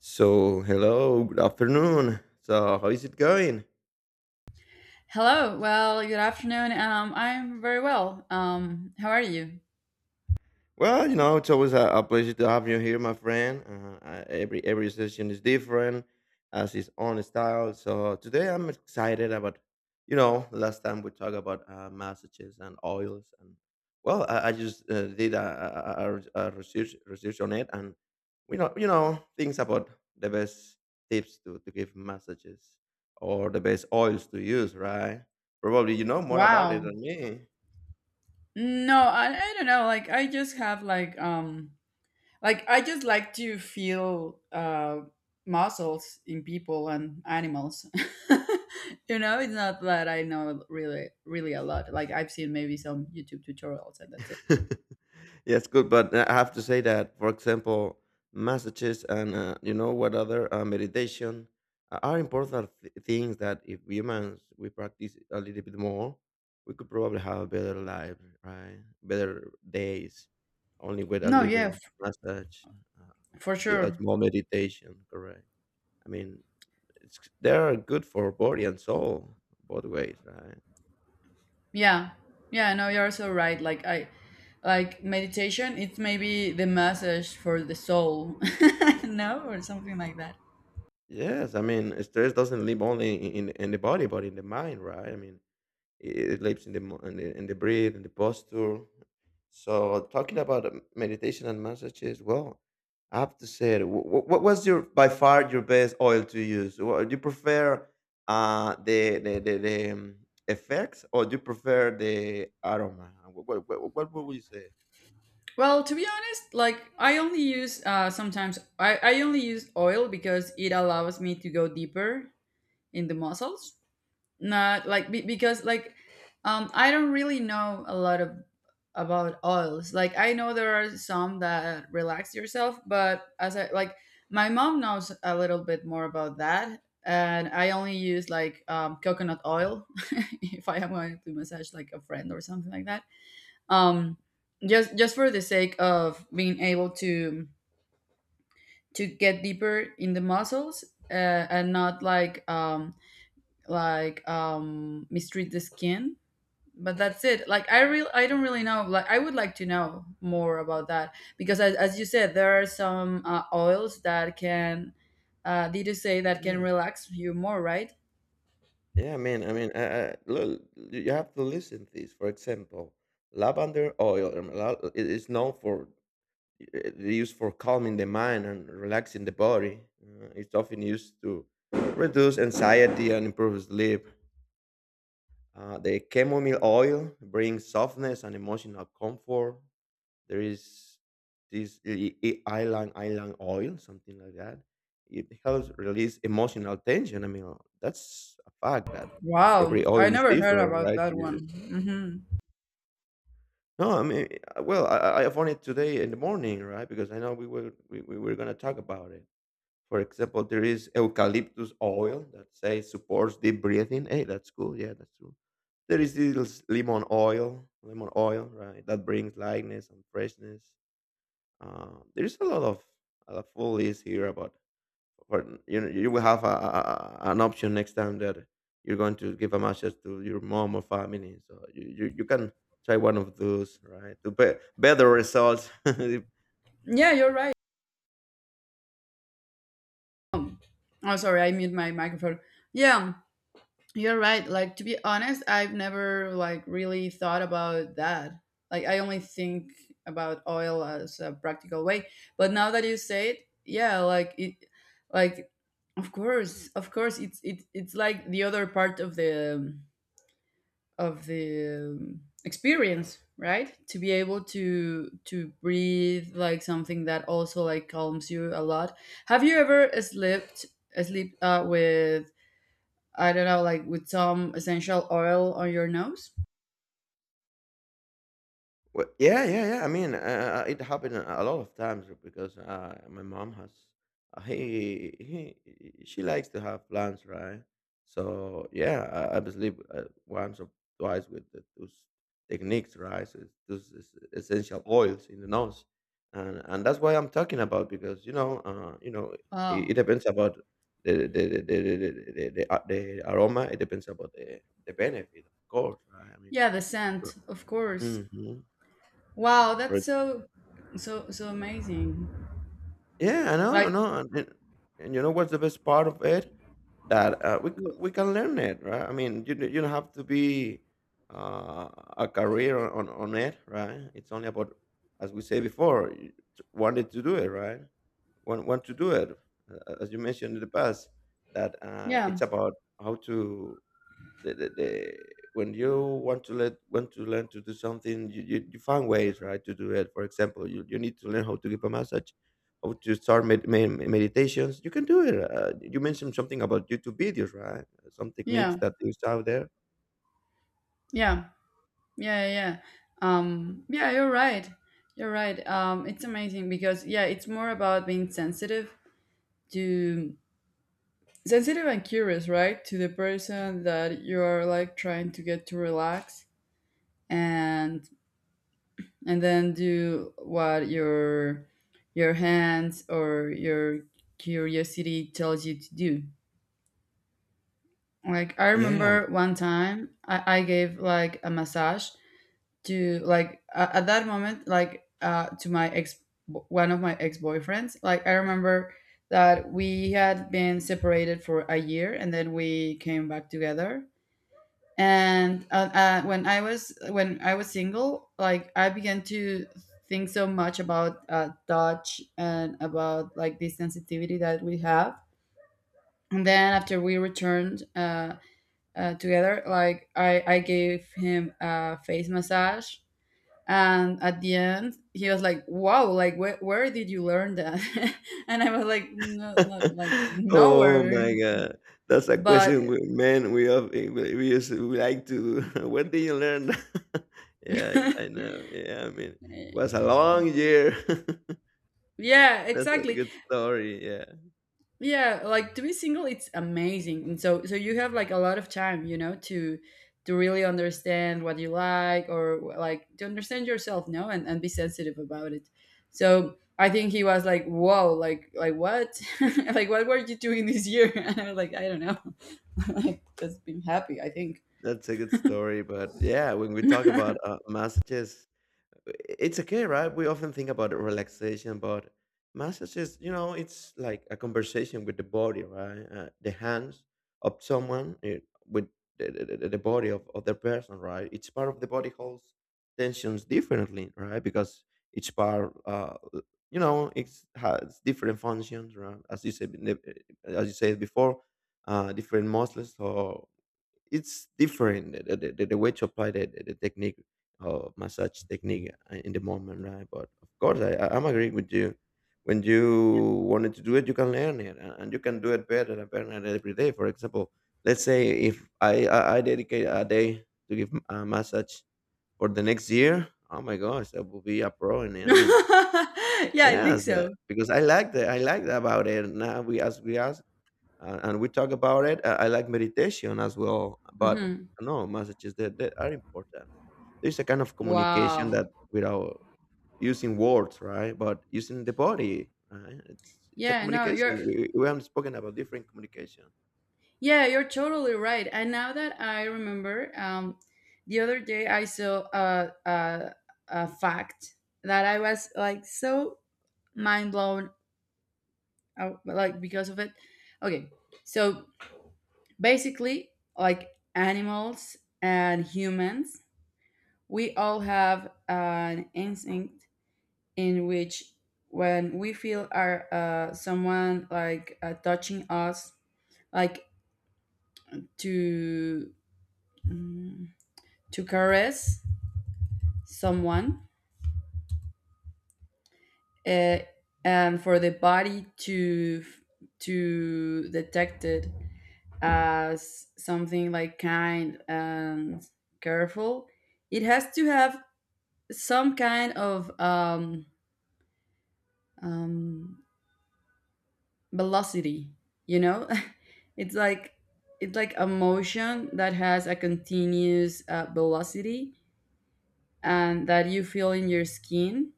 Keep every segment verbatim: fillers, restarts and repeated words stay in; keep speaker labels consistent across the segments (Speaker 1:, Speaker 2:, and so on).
Speaker 1: So, hello, good afternoon. So, how is it going?
Speaker 2: Hello. Well, good afternoon. Um, I'm very well. Um, how are you?
Speaker 1: Well, you know, it's always a, a pleasure to have you here, my friend. Uh, I- every every session is different, has its own style. So today I'm excited about, you know, last time we talked about uh, massages and oils, and well, I, I just uh, did a, a, a a- research research on it, and we know, you know, things about the best tips to to give massages or the best oils to use, right? Probably you know more about it
Speaker 2: Wow.
Speaker 1: than me.
Speaker 2: No, I, I don't know. Like, I just have like um, like I just like to feel uh muscles in people and animals. You know, it's not that I know really really a lot. Like, I've seen maybe some YouTube tutorials and that's it.
Speaker 1: Yes, good, but uh, I have to say that, for example, messages and uh, you know what other uh, meditation uh, are important th- things that if humans we practice a little bit more, we could probably have a better life, right? Better days, only with a
Speaker 2: No, yeah,
Speaker 1: little
Speaker 2: f-
Speaker 1: massage, uh,
Speaker 2: for
Speaker 1: a, li- a
Speaker 2: sure.
Speaker 1: small meditation. Correct. I mean, it's they are good for body and soul both ways, right?
Speaker 2: Yeah, yeah, no, you're so right. Like I, like meditation, it's maybe the massage for the soul, no, or something like that.
Speaker 1: Yes, I mean, stress doesn't live only in in the body, but in the mind, right? I mean it lives in the mo- in the, in the breath and the posture. So talking about um, meditation and massages, well, I have to say, what, what was your by far your best oil to use? Wha- Do you prefer uh, the the the, the um, effects or do you prefer the aroma? What what, what would you say?
Speaker 2: Well, to be honest, like I only use uh, sometimes I, I only use oil because it allows me to go deeper in the muscles. Not like be, because like um I don't really know a lot of about oils. Like, I know there are some that relax yourself, but as I like, my mom knows a little bit more about that, and I only use like um, coconut oil. If I am going to massage like a friend or something like that, um just just for the sake of being able to to get deeper in the muscles, uh, and not like um like um mistreat the skin. But that's it. Like, i real I don't really know. Like, I would like to know more about that because as, as you said, there are some uh, oils that can, uh, did you say that can
Speaker 1: Yeah,
Speaker 2: relax you more, right?
Speaker 1: yeah. I mean, I mean, uh, uh, look, you you have to listen to this. For example, lavender oil um, la- it is known for uh, used for calming the mind and relaxing the body. Uh, it's often used to reduce anxiety and improve sleep. Uh, the chamomile oil brings softness and emotional comfort. There is this i- i- island island oil, something like that. It helps release emotional tension. I mean, that's a fact that
Speaker 2: Wow,
Speaker 1: every
Speaker 2: I
Speaker 1: oil is
Speaker 2: never heard
Speaker 1: different,
Speaker 2: about
Speaker 1: right?
Speaker 2: that one.
Speaker 1: You-
Speaker 2: Hmm.
Speaker 1: No, I mean, uh, well, I, I I found it today in the morning, right? Because I know we were we, we were gonna talk about it. For example, there is eucalyptus oil that say supports deep breathing. Hey, that's cool. Yeah, that's true. There is this lemon oil, lemon oil, right? That brings lightness and freshness. Um, there is a lot of a full list here about. For, you know, you will have a, a, a- an option next time that you're going to give a massage to your mom or family. So you, you, you can try one of those, right? To be, better results if
Speaker 2: Yeah, you're right. Oh sorry, I mute my microphone. Yeah. You're right. Like to be honest, I've never like really thought about that. Like I only think about oil as a practical way. But now that you say it, yeah, like it, like of course, of course it's it, it's like the other part of the of the um, experience, right? To be able to to breathe like something that also like calms you a lot. Have you ever slept sleep uh, with, I don't know, like with some essential oil on your nose?
Speaker 1: well, yeah, yeah, yeah. I mean, uh, uh, it happened a a lot of times because uh, my mom has uh, he he she likes to have plans, right? So yeah, I, I believe uh, once or twice with the, those techniques, right? So it's, those es- essential oils in the nose, and and that's why I'm talking about because you know, uh, you know, it, it
Speaker 2: Oh,
Speaker 1: depends about the the the the, the, the, the, the uh, the aroma. It depends about the the benefit, of course, right? I mean.
Speaker 2: yeah, the scent, of course.
Speaker 1: Mm-hmm.
Speaker 2: Wow, that's so, so, so amazing.
Speaker 1: Yeah, I know, I
Speaker 2: Like,
Speaker 1: know, and and and you know what's the best part of it? That uh, we c-
Speaker 2: yeah,
Speaker 1: we can learn it, right? I mean, you don't- you don't have to be uh, a career on on it, right? It's only about, as we say before, you t- wanted to do it, right? Want want to do it, uh, as you mentioned in the past. That uh,
Speaker 2: yeah,
Speaker 1: it's about how to the, the, the when you want to let want to learn to do something you, you, you find ways right to do it. For example, you, you need to learn how to give a massage, how to start med- med- meditations. You can do it. Uh, you mentioned something about YouTube videos, right? Some
Speaker 2: yeah,
Speaker 1: techniques that is out there.
Speaker 2: yeah, yeah. yeah. Um, yeah, you're right. You're right. Um, it's amazing because yeah, it's more about being sensitive to sensitive and curious, right? To the person that you're like trying to get to relax, and and then do what your your hands or your curiosity tells you to do. Like, I
Speaker 1: Yeah, man.
Speaker 2: remember one time i, I gave like a massage to like a- at that moment, like uh, to my ex, one of my ex-boyfriends. Like, I remember that we had been separated for a year, and then we came back together, and uh, uh, when I was when I was single, like I began to think so much about uh, touch and about like the sensitivity that we have. And then after we returned uh, uh, together, like I, I gave him a face massage, and at the end he was like, "Wow, like wh- where did you learn that?" And I was like, "No, not like
Speaker 1: Oh
Speaker 2: nowhere."
Speaker 1: my God, that's a
Speaker 2: But
Speaker 1: question we, man we have we, we used we like to where did you learn that? Yeah, yeah, I know. Yeah, I mean it was a long year.
Speaker 2: yeah,
Speaker 1: That's a
Speaker 2: exactly.
Speaker 1: good story, yeah.
Speaker 2: Yeah, like to be single, it's amazing, and so so you have like a lot of time, you know, to to really understand what you like, or like to understand yourself, no, and, and be sensitive about it. So I think he was like, "Whoa, like like what? Like, what were you doing this year?" And I was like, "I don't know." Like, just being happy, I think.
Speaker 1: That's a good story, but yeah, when we talk about uh, massages, i- it's okay, right? We often think about relaxation, but massages, you know, it's like a conversation with the body, right? Uh, the hands of someone eh, with the, the, the the body of other person, right? Each part of the body holds tensions differently, right? Because each part, uh, you know, it has different functions, right? As you said, in the- eh, as you said before, uh, different muscles or it's different the, the, the the way to apply the, the, the technique or massage technique uh, in the moment, right? But of course, I, I- I'm agreeing with you. When you wanted to do it, you can learn it, a- and you can do it better and better every day. For example, let's say if i i, I dedicate a day to give a massage for the next year, oh my gosh, I will be a pro in it. I mean,
Speaker 2: Yeah, I think
Speaker 1: yes, that-
Speaker 2: so.
Speaker 1: because I like that, I like that about it. Now we as we are, uh, and we talk about it. I, I like meditation as well, but
Speaker 2: Hmm.
Speaker 1: no, messages, that, that are important. There's a kind of communication
Speaker 2: Wow.
Speaker 1: that without using words, right? But using the body, right? It's it's a
Speaker 2: yeah no you're
Speaker 1: communication. We we haven't spoken about different communication.
Speaker 2: Yeah, you're totally right. And now that I remember, um, the other day I saw a, a, a fact that I was like so mind blown, uh, like because of it. Okay, so basically, like animals and humans, we all have an instinct in which, when we feel our uh, someone like uh, touching us, like to mm, to caress someone, uh, and for the body to to detect it as something like kind and careful, it has to have some kind of um, um, velocity, you know. It's like, it's like a motion that has a continuous uh, velocity, and that you feel in your skin,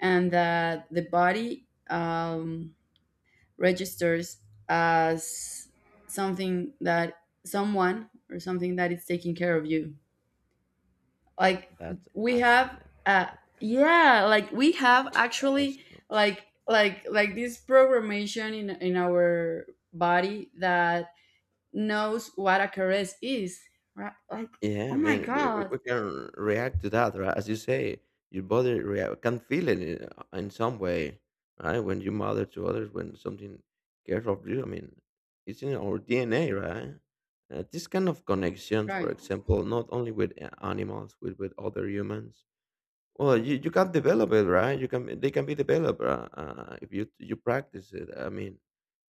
Speaker 2: and that the body um, registers as something that, someone or something that is taking care of you. Like
Speaker 1: That's
Speaker 2: we have
Speaker 1: awesome.
Speaker 2: uh yeah, like we have
Speaker 1: That's
Speaker 2: actually
Speaker 1: awesome.
Speaker 2: like like like this programmation in in our body that knows what a caress is. Right? Like, oh
Speaker 1: Yeah,
Speaker 2: my
Speaker 1: man, we we
Speaker 2: god.
Speaker 1: we can react to that, right? As you say, your body react can feel it in, uh, in some way, right? When you mother to others, when something cares of you, I mean, it's in our D N A, right? Uh, this kind of connections, for
Speaker 2: Right.
Speaker 1: example, not only with a- animals, with with other humans, well, you, you can develop it, right? You can they can be developed, uh, uh, if you you practice it. I mean,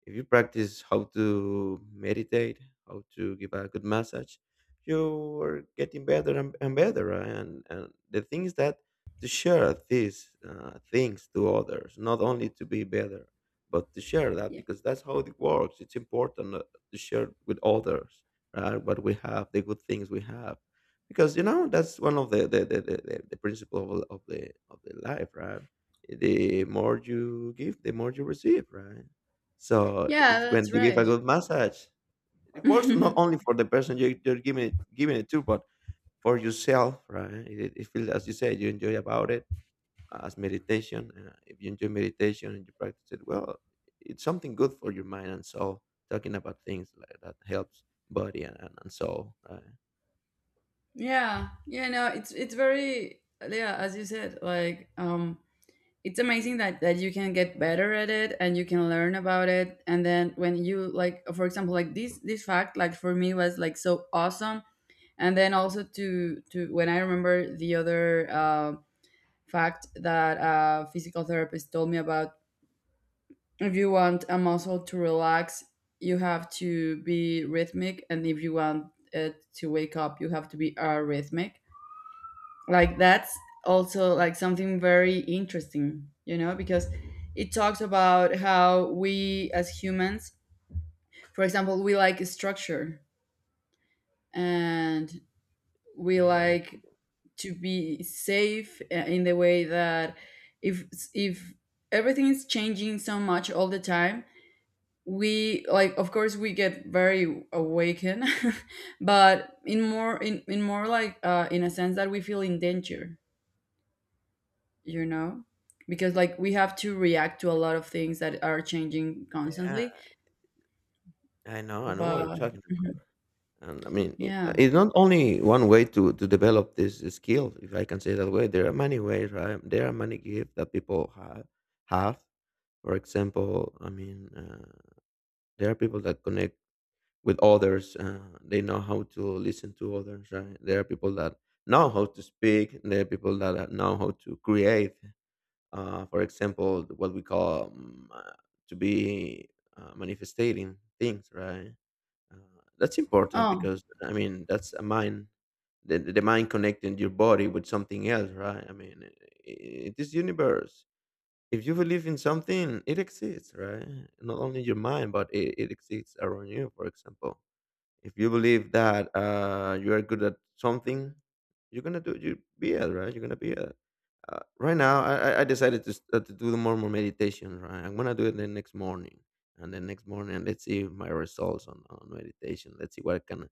Speaker 1: if you practice how to meditate, how to give a good massage, you are getting better and, and better, right? And and the thing is that to share these uh, things to others, not only to be better, but to share that
Speaker 2: Yeah.
Speaker 1: because that's how it works. It's important uh, to share with others, right? What we have, the good things we have, because you know that's one of the the the, the, the the principle of, of the of the life, right? The more you give, the more you receive, right? So
Speaker 2: Yeah,
Speaker 1: it's when
Speaker 2: that's
Speaker 1: you give a
Speaker 2: right.
Speaker 1: good massage, it works
Speaker 2: Yeah.
Speaker 1: not only for the person you, you're giving it giving it to, but for yourself, right? it, it feels as you said, you enjoy about it. As meditation, uh, if you enjoy meditation and you practice it well, it's something good for your mind and soul. Talking about things like that helps body and, and, and soul, right?
Speaker 2: Yeah, no, it's it's very yeah, as you said, like um it's amazing that that you can get better at it and you can learn about it, and then when you, like for example like this this fact, like for me was like so awesome. And then also to to when I remember the other uh, fact that a physical therapist told me about, if you want a muscle to relax, you have to be rhythmic, and if you want it to wake up, you have to be arrhythmic. Like, that's also like something very interesting, you know, because it talks about how we as humans, for example, we like structure, and we
Speaker 1: Yeah,
Speaker 2: like to be safe uh, in the way that, if if everything is changing so much all the time, we like, of course we get very awakened, but in more in, in more like uh, in a sense that we feel in danger, you know, because like we have to react to a lot of things that are changing
Speaker 1: yeah.
Speaker 2: constantly.
Speaker 1: I know, I know what you're
Speaker 2: But
Speaker 1: talking about.
Speaker 2: mhm.
Speaker 1: And I mean, it, uh,
Speaker 2: Yeah.
Speaker 1: it's not only one way to to develop this skill, if I can say that way. There are many ways, right? There are many gifts that people have. Have, for example, I mean, uh, there are people that connect with others. Uh, they know how to listen to others, right? There are people that know how to speak. There are people that uh, know how to create. Uh, for example, what we call um, uh, to be uh, manifesting things, right? Uh, that's important
Speaker 2: Oh
Speaker 1: because I mean that's a mind, the, the mind connecting your body with something else, right? I mean, i- it is universe. If you believe in something, it exists, right? Not only your mind, but it, it exists around you. For example, if you believe that uh, you are good at something, you're gonna do you be it, right? You're gonna be it. Uh, right now, I I I decided to s- uh, to do more more meditation. Right, I'm gonna do it the next morning, and the next morning, let's see my results on, on meditation. Let's see what I can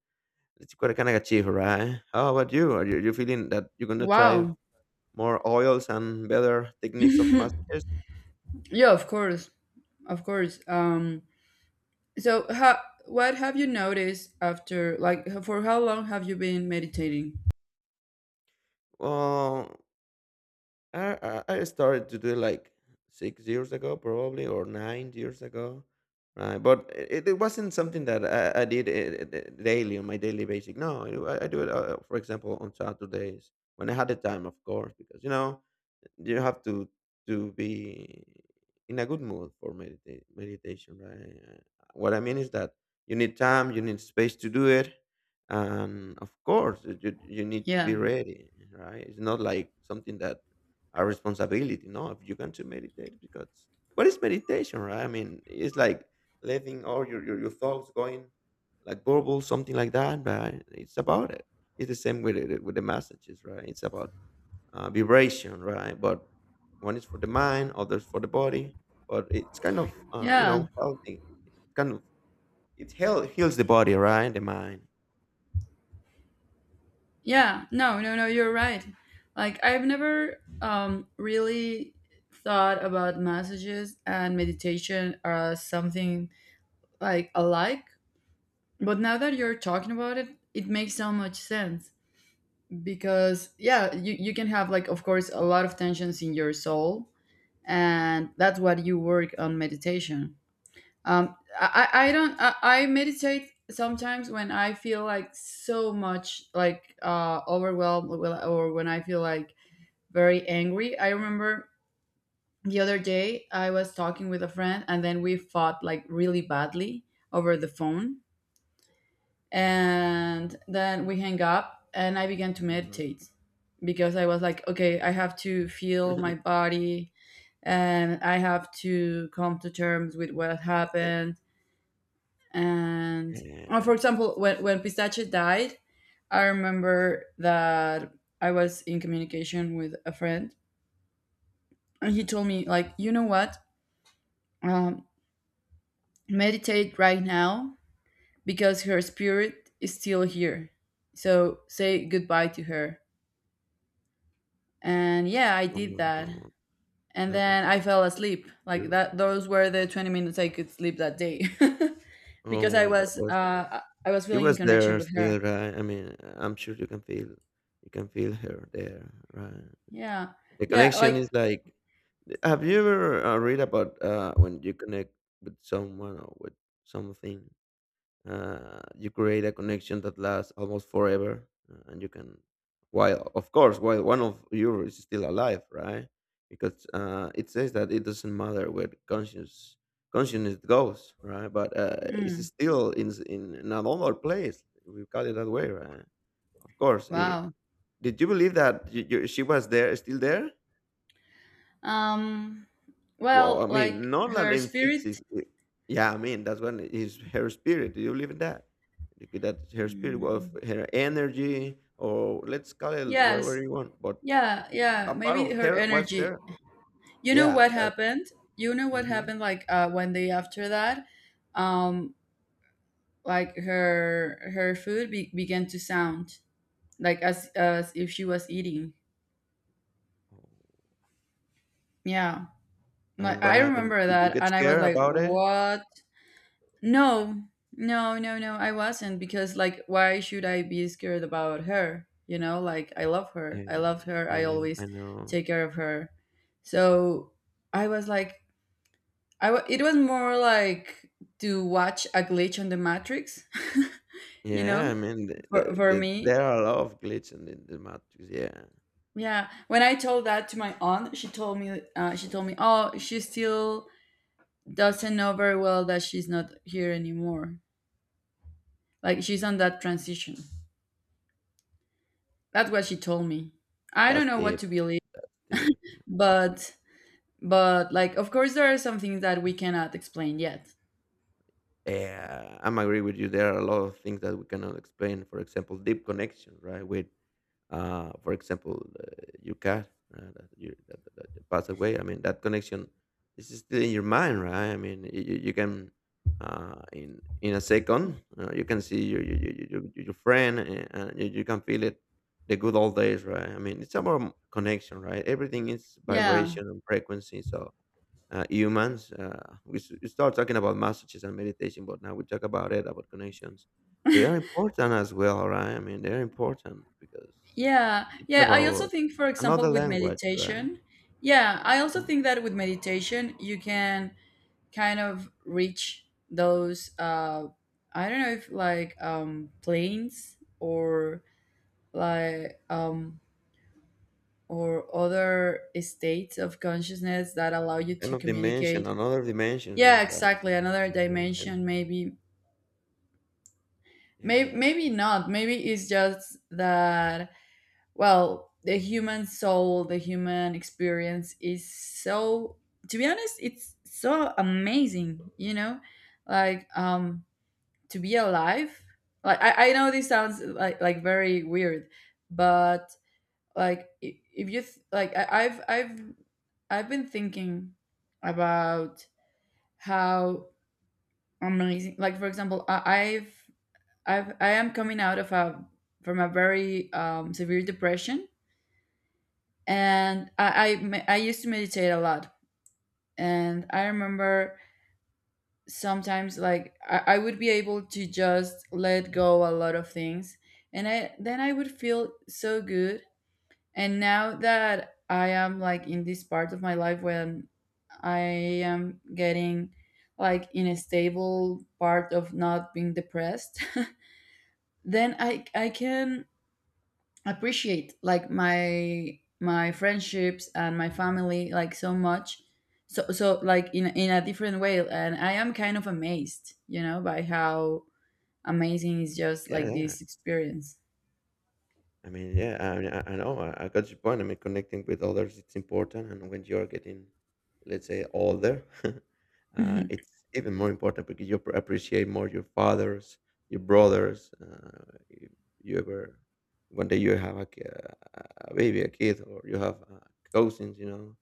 Speaker 1: Let's see what I can achieve. Right? How about you? Are you, you feeling that you're gonna try
Speaker 2: wow.
Speaker 1: more oils and better techniques of massage?
Speaker 2: Yeah, of course, of course. um so how, what have you noticed? After like, for how long have you been meditating?
Speaker 1: Well, I, I I started to do it like six years ago, probably, or nine years ago. Right, but it, it wasn't something that I, I did it, it, daily on my daily basic. No, I, I do it, uh, for example, on Saturdays when I had the time, of course, because you know you have to to be in a good mood for medita- meditation, right? What I mean is that you need time, you need space to do it. And of course, you, you you need to be
Speaker 2: yeah
Speaker 1: ready, right? It's not like something that a responsibility. No, if you want to meditate, because what is meditation, right? I mean, it's like letting all your, your, your thoughts going, like bubbles, something like that, right? It's about it. It's the same with it with the messages, right? It's about uh, vibration, right? But one is for the mind, others for the body. But it's kind of uh, you
Speaker 2: yeah
Speaker 1: know healthy. Kind of. It heal, heals the body, right? The mind.
Speaker 2: yeah No, no, no, you're right. Like, I've never um really thought about messages and meditation as something like alike. But now that you're talking about it, it makes so much sense, because yeah, you, you can have like of course a lot of tensions in your soul, and that's what you work on meditation. Um, I I I don't I, I meditate sometimes when I feel like so much like uh overwhelmed, well, or when I feel like very angry. I remember the other day I was talking with a friend, and then we fought like really badly over the phone, and then we hang up and I began to
Speaker 1: Mhm.
Speaker 2: meditate, because I was like, okay, I have to feel my body and I have to come to terms with what happened. And uh, for
Speaker 1: Yeah.
Speaker 2: example, when, when pistachio died, I remember that I was in communication with a friend, and he told me like, "You know what, um, meditate right now, because her spirit is still here, so say goodbye to her." And yeah, I
Speaker 1: Oh
Speaker 2: did
Speaker 1: my
Speaker 2: that,
Speaker 1: God,
Speaker 2: and
Speaker 1: that
Speaker 2: then
Speaker 1: was
Speaker 2: I fell asleep like that.
Speaker 1: beautiful.
Speaker 2: Those were the twenty minutes I could sleep that day.
Speaker 1: Oh
Speaker 2: Because I
Speaker 1: my God,
Speaker 2: was
Speaker 1: was
Speaker 2: uh I was
Speaker 1: she
Speaker 2: feeling in
Speaker 1: was
Speaker 2: connection
Speaker 1: there
Speaker 2: with her.
Speaker 1: still, right? I mean, I'm sure you can feel you can feel her there, right?
Speaker 2: Yeah.
Speaker 1: The
Speaker 2: Yeah,
Speaker 1: connection is
Speaker 2: like,
Speaker 1: like. Have you ever uh, read about uh, when you connect with someone or with something? uh, you create a connection that lasts almost forever, uh, and you can, while of course, while one of you is still alive, right? Because uh, it says that it doesn't matter where the conscious consciousness goes, right? But uh, it's
Speaker 2: mm,
Speaker 1: still in, s- in another place, we call it that way, right? Of course, eh,
Speaker 2: wow.
Speaker 1: did you believe that you, you, she was there still there?
Speaker 2: um
Speaker 1: Well,
Speaker 2: well,
Speaker 1: I
Speaker 2: like,
Speaker 1: mean,
Speaker 2: her
Speaker 1: Nolan
Speaker 2: spirit.
Speaker 1: fixes it. Yeah, I mean, that's when is her spirit. Do you believe in that? Because that her spirit was
Speaker 2: Mm,
Speaker 1: her energy, or let's call it
Speaker 2: yes.
Speaker 1: whatever you want. But
Speaker 2: Yeah, yeah,
Speaker 1: a part
Speaker 2: maybe
Speaker 1: of
Speaker 2: her
Speaker 1: her was
Speaker 2: energy.
Speaker 1: there.
Speaker 2: You know
Speaker 1: Yeah.
Speaker 2: what
Speaker 1: That.
Speaker 2: happened, you know what
Speaker 1: Hmm.
Speaker 2: happened like, uh one day after that, um like her her food be- began to sound like as as if she was eating. Yeah,
Speaker 1: And
Speaker 2: like
Speaker 1: what
Speaker 2: I
Speaker 1: happened?
Speaker 2: remember
Speaker 1: Did you
Speaker 2: that,
Speaker 1: get
Speaker 2: and I was
Speaker 1: scared
Speaker 2: like,
Speaker 1: about it?
Speaker 2: "What? No, no, no, no! I wasn't, because like, why should I be scared about her? You know, like I love her. I
Speaker 1: Yeah.
Speaker 2: love her. I
Speaker 1: Yeah.
Speaker 2: always
Speaker 1: I know.
Speaker 2: take care of her." So I was like, I wa it was more like to watch a glitch on the Matrix, you
Speaker 1: Yeah. I
Speaker 2: know,
Speaker 1: mean, the,
Speaker 2: for
Speaker 1: the,
Speaker 2: for
Speaker 1: the,
Speaker 2: me.
Speaker 1: there are a lot of glitches in the, the matrix. Yeah.
Speaker 2: Yeah, when I told that to my aunt, she told me, uh, she told me, "Oh, she's still doesn't know very well that she's not here anymore. Like, she's on that transition." That's what she
Speaker 1: Oh,
Speaker 2: told me. I don't
Speaker 1: that's
Speaker 2: know what
Speaker 1: deep.
Speaker 2: to believe,
Speaker 1: That's deep.
Speaker 2: but but like of course there are some things that we cannot explain yet.
Speaker 1: Uh, I'm agree with you. There are a lot of things that we cannot explain. For example, deep connection, right? With, uh, for example, uh, your cat, uh, that, you, that, that, that passed away. I mean, that connection is still in your mind, right? I mean, you, you you can, uh, in in a second, uh, you can see your your, your, your, your your friend, and, and you, you can feel it. The good old days, right? I mean, it's about connection, right? Everything is
Speaker 2: Yeah.
Speaker 1: vibration and frequency. So uh, humans. Uh, we, s- we start talking about messages and meditation, but now we talk about it, about connections. They are important as well, right? I mean, they're important because
Speaker 2: Yeah.
Speaker 1: it's
Speaker 2: Yeah, I also
Speaker 1: about
Speaker 2: think for
Speaker 1: another
Speaker 2: example with
Speaker 1: language, right?
Speaker 2: meditation, yeah, I also
Speaker 1: Mhm.
Speaker 2: think that with meditation you can kind of reach those uh, I don't know if like um planes or like um or other states of consciousness that allow you
Speaker 1: Kind
Speaker 2: to
Speaker 1: of dimension,
Speaker 2: communicate.
Speaker 1: another
Speaker 2: Yeah,
Speaker 1: dimension, right?
Speaker 2: exactly. Another
Speaker 1: Dimensions.
Speaker 2: dimension, maybe. Maybe,
Speaker 1: Yeah.
Speaker 2: maybe not. Maybe it's just that, well, the human soul, the human experience is so, to be honest, it's so amazing, you know? Like, um, to be alive. Like, I, I know this sounds like, like very weird, but like, I- if you, th- like, I, I've, I've I've been thinking about how amazing, like for example, I, I've I've I am coming out of a from a very um, severe depression, and I I, me- I used to meditate a lot, and I remember sometimes like I, I would be able to just let go a lot of things, and I then I would feel so good. And now that I am like in this part of my life when I am getting like in a stable part of not being depressed, then I I can appreciate like my my friendships and my family like so much. So so like in in a different way, and I am kind of amazed, you know, by how amazing is just
Speaker 1: Yeah.
Speaker 2: like
Speaker 1: Yeah.
Speaker 2: this experience.
Speaker 1: I mean, yeah, I mean, I, I know, I, I got your point. I mean, connecting with others, it's important. And when you're getting, let's say, older, uh, it's even more important because you pr- appreciate more your fathers, your brothers. Uh, if you ever, one day you have a, ki- a baby, a kid, or you have uh, cousins, you know,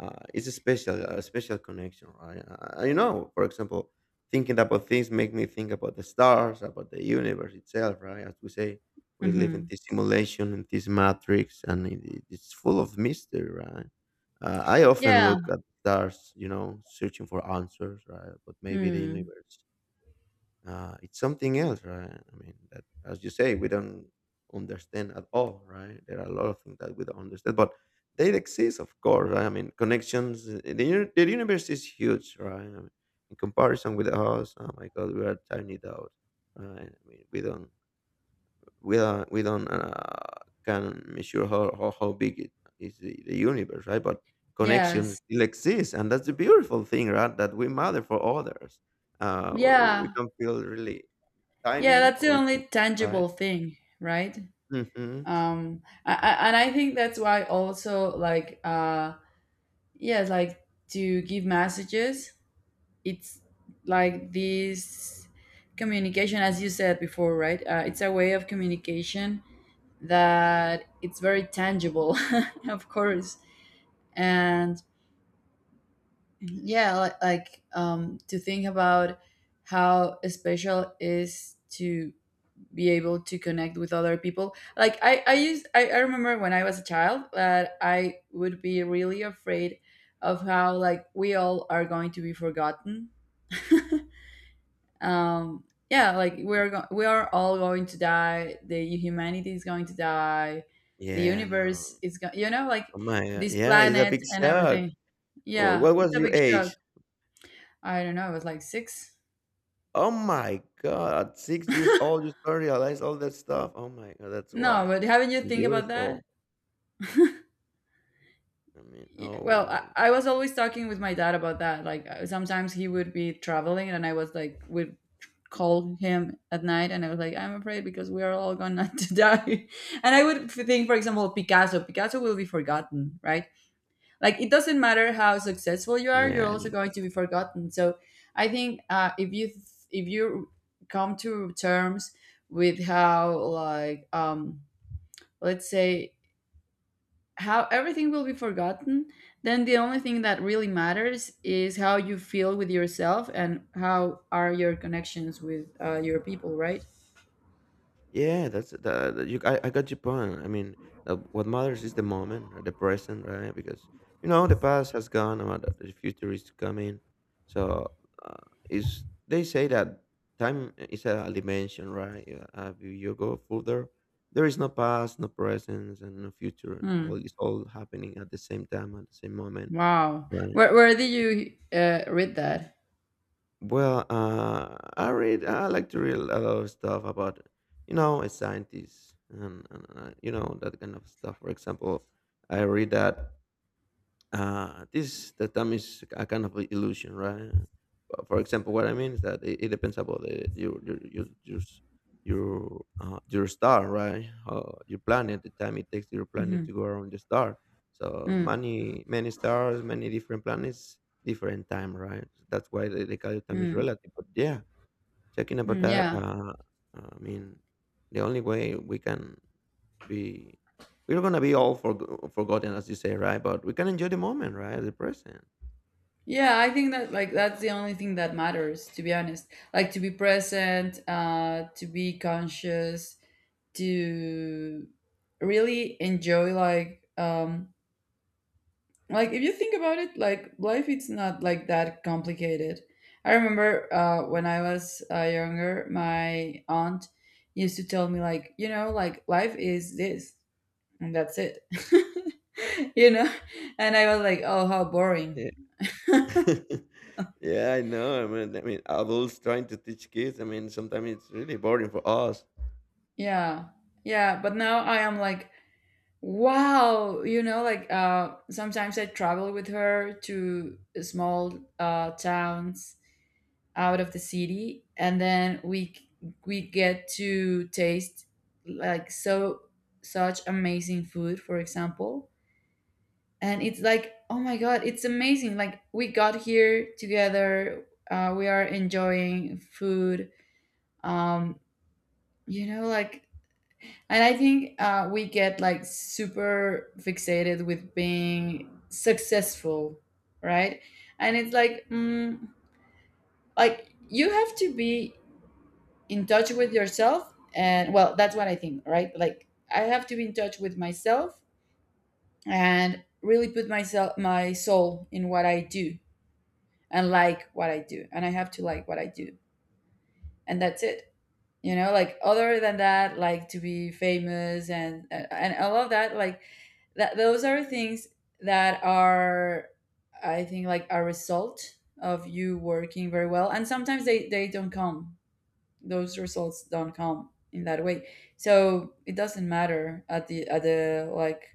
Speaker 1: uh, it's a special, a special connection, right? Uh, you know, for example, thinking about things make me think about the stars, about the universe itself, right? As we say, we live in
Speaker 2: Hmm.
Speaker 1: this simulation, in this matrix, and it, it- it's full of mystery, right? Uh, I often
Speaker 2: Yeah.
Speaker 1: look at stars, you know, searching for answers, right? But maybe the
Speaker 2: Hmm.
Speaker 1: universe, uh, it's something else, right? I mean, that as you say, we don't understand at all, right? There are a lot of things that we don't understand, but they exist, of course. Right? I mean, connections. Uh, The, uni- the universe is huge, right? I mean, in comparison with us, oh my God, we are tiny dot. Right? I mean, we don't we don't we don't uh, can measure how, how how big it is the, the universe, right? But connections
Speaker 2: Yes.
Speaker 1: still exist, and that's the beautiful thing, right? That we matter for others. uh we, we
Speaker 2: Yeah.
Speaker 1: can feel really
Speaker 2: Yeah,
Speaker 1: tiny,
Speaker 2: that's the
Speaker 1: or we can.
Speaker 2: only
Speaker 1: Right.
Speaker 2: tangible thing, right?
Speaker 1: Hmm.
Speaker 2: Um, I, I- and I think that's why also like uh, yeah, like to give messages, it's like this communication, as you said before, right? Uh, it's a way of communication that it's very tangible, of course, and yeah, like, like um, to think about how special is to be able to connect with other people like i i used i, I remember when I was a child that I would be really afraid of how like we all are going to be forgotten. um yeah, like we're go- we are all going to die, the humanity is going to die, the
Speaker 1: Yeah.
Speaker 2: universe
Speaker 1: No.
Speaker 2: is going, you know, like
Speaker 1: Oh my God.
Speaker 2: this
Speaker 1: Yeah. It's a
Speaker 2: planet
Speaker 1: big
Speaker 2: and
Speaker 1: shock.
Speaker 2: everything.
Speaker 1: Wh-
Speaker 2: Yeah,
Speaker 1: what was
Speaker 2: it's a
Speaker 1: your
Speaker 2: big shock.
Speaker 1: age?
Speaker 2: I don't know, I was like six.
Speaker 1: Oh my God, at six years old you start realize all that stuff. Oh my God, that's
Speaker 2: No,
Speaker 1: wild.
Speaker 2: but haven't you
Speaker 1: And
Speaker 2: think about that.
Speaker 1: beautiful. I mean,
Speaker 2: Yeah, well, I,
Speaker 1: oh
Speaker 2: I was always talking with my dad about that. Like uh, sometimes he would be traveling, and I was like, would call him at night, and I was like, I'm afraid because we are all gonna to die. And I would f- think, for example, Picasso. Picasso will be forgotten, right? Like it doesn't matter how successful you are, you're
Speaker 1: yeah.
Speaker 2: also going to be forgotten. So I think uh, if you if you come to terms with how like um let's say how everything will be forgotten, then the only thing that really matters is how you feel with yourself and how are your connections with uh, your people, right?
Speaker 1: Yeah, that's that. You, I, I got your point. I mean, uh, what matters is the moment, or the present, right? Because you know the past has gone, or the the future is coming. So, uh, is they say that time is a dimension, right? Yeah. Uh, if you go further, there is no past, no present, and no future. All
Speaker 2: Hmm.
Speaker 1: is all happening at the same time, at the same moment.
Speaker 2: Wow.
Speaker 1: Right?
Speaker 2: Where where did you uh, read that?
Speaker 1: Well, uh, I read. I like to read a lot of stuff about, you know, uh, scientists and, and uh, you know that kind of stuff. For example, I read that uh, this the time is a kind of a illusion, right? Uh, For example, what I mean is that it, it depends about the, your your your your, s- your, uh, your star, right? Uh, your planet, the time it takes your planet
Speaker 2: Mm-hmm.
Speaker 1: to go around the star. So
Speaker 2: Mm,
Speaker 1: many many stars, many different planets, different time, right? That's why they, they call it time is
Speaker 2: mm,
Speaker 1: relative. But yeah, talking about
Speaker 2: mm,
Speaker 1: that,
Speaker 2: yeah.
Speaker 1: uh, I mean, the only way we can be we're gonna be all forg forgotten, as you say, right? But we can enjoy the moment, right? The present.
Speaker 2: Yeah, I think that like that's the only thing that matters, to be honest. Like to be present, uh, to be conscious, to really enjoy like um like if you think about it, like life it's not like that complicated. I remember uh, when I was uh, younger, my aunt used to tell me, like, you know, like life is this and that's it. You know, and I was like, oh, how boring.
Speaker 1: Yeah. Yeah, I know. I mean, I mean, adults trying to teach kids. I mean, sometimes it's really boring for us.
Speaker 2: Yeah, yeah, but now I am like wow, you know, like uh sometimes I travel with her to small uh towns out of the city, and then we we get to taste like so such amazing food, for example, and it's like oh my god, it's amazing, like we got here together, uh, we are enjoying food. um you know, like, and I think uh, we get like super fixated with being successful, right? And it's like mm, like you have to be in touch with yourself, and well that's what I think, right? Like I have to be in touch with myself and really put myself, my soul, in what I do, and like what I do, and I have to like what I do, and that's it. You know, like other than that, like to be famous and and, and all of that, like that those are things that are, I think, like a result of you working very well, and sometimes they they don't come, those results don't come in that way. So it doesn't matter at the at the like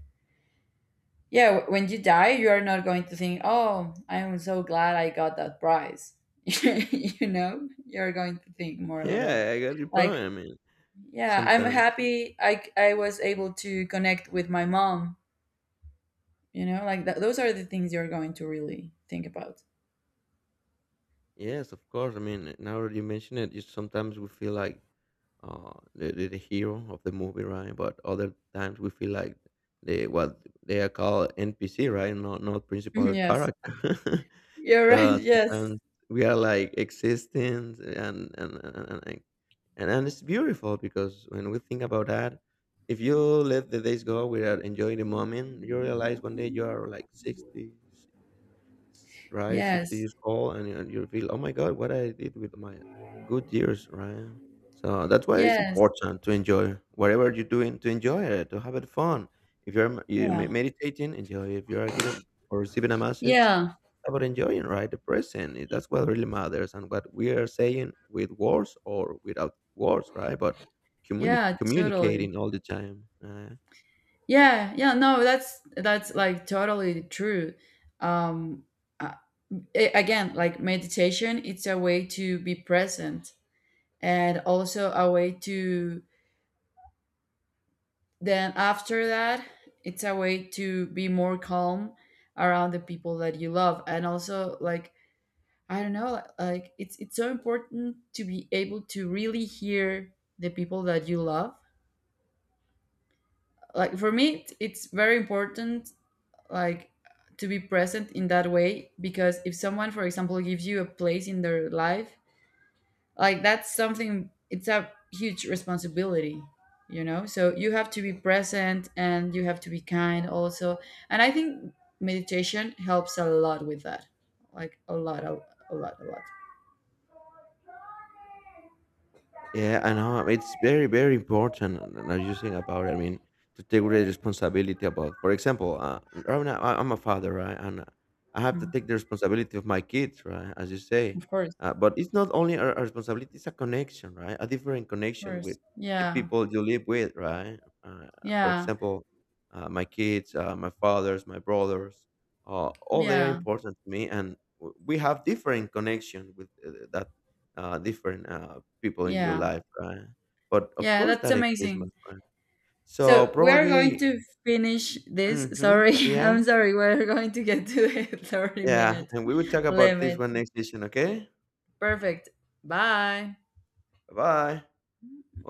Speaker 2: yeah, wh- when you die you are not going to think oh I'm so glad I got that prize. You know, you're going to think more about
Speaker 1: Yeah, I got your point.
Speaker 2: like
Speaker 1: I mean,
Speaker 2: yeah, I'm
Speaker 1: sometimes,
Speaker 2: happy i i was able to connect with my mom, you know, like th- those are the things you're going to really think about.
Speaker 1: yes, of course. I mean, now that you mention it, you sometimes we feel like uh, the, the, the hero of the movie, right? But other times we feel like they, what they are called, N P C, right? Not not
Speaker 2: Mhm,
Speaker 1: principal
Speaker 2: yes,
Speaker 1: character.
Speaker 2: you're right,
Speaker 1: So
Speaker 2: yes,
Speaker 1: sometimes we are like existing, and and and, and, and and and it's beautiful because when we think about that, if you let the days go without enjoying the moment, you realize one day you are like sixty, s- right? sixty
Speaker 2: yes,
Speaker 1: years old, and, and you feel, oh my God, what I did with my good years, right? So that's why it's
Speaker 2: yes,
Speaker 1: important to enjoy whatever you're doing, to enjoy it, to have it fun. If you're m- you
Speaker 2: yeah,
Speaker 1: me- meditating, enjoy. If you are giving or receiving a message,
Speaker 2: yeah,
Speaker 1: how about enjoying, right? The present. eh, That's what really matters, and what we are saying with words or without words, right? But communi-
Speaker 2: yeah, totally.
Speaker 1: communicating all the time, right?
Speaker 2: Yeah, yeah, no, that's that's like totally true. Um, uh, a- Again, like meditation, it's a way to be present and also a way to then after that, it's a way to be more calm around the people that you love, and also like I don't know, like it's it's so important to be able to really hear the people that you love. Like for me, it's very important like to be present in that way, because if someone, for example, gives you a place in their life, like that's something, it's a huge responsibility, you know, so you have to be present and you have to be kind also. And I think meditation helps a lot with that, like a lot, a, a lot, a lot.
Speaker 1: Yeah, I know. um, It's very, very important. And and as you think about it, I mean, to take great responsibility about. For example, uh, right now I- I'm a father, right, and uh, I have to
Speaker 2: Mm.
Speaker 1: take the responsibility of my kids, right, as you say.
Speaker 2: Of course.
Speaker 1: Uh, but it's not only a, a responsibility; it's a connection, right? A different
Speaker 2: Of
Speaker 1: connection
Speaker 2: course,
Speaker 1: with the
Speaker 2: yeah.
Speaker 1: people you live with, right? Uh, for
Speaker 2: Yeah,
Speaker 1: example, uh, my kids, uh, my fathers, my brothers, uh, all they are
Speaker 2: yeah,
Speaker 1: important to me, and w- we have different connection with uh, that uh, different uh, people in your
Speaker 2: yeah,
Speaker 1: life, right? But of
Speaker 2: yeah.
Speaker 1: course
Speaker 2: that's
Speaker 1: that exists, my
Speaker 2: amazing.
Speaker 1: friend. So
Speaker 2: So we're going
Speaker 1: probably,
Speaker 2: to finish this.
Speaker 1: hmm,
Speaker 2: Sorry,
Speaker 1: yeah,
Speaker 2: I'm sorry. We're going to get to the 30
Speaker 1: yeah.
Speaker 2: minute
Speaker 1: And we will talk about this
Speaker 2: limit.
Speaker 1: one next session, okay?
Speaker 2: Perfect. Bye.
Speaker 1: Bye-bye.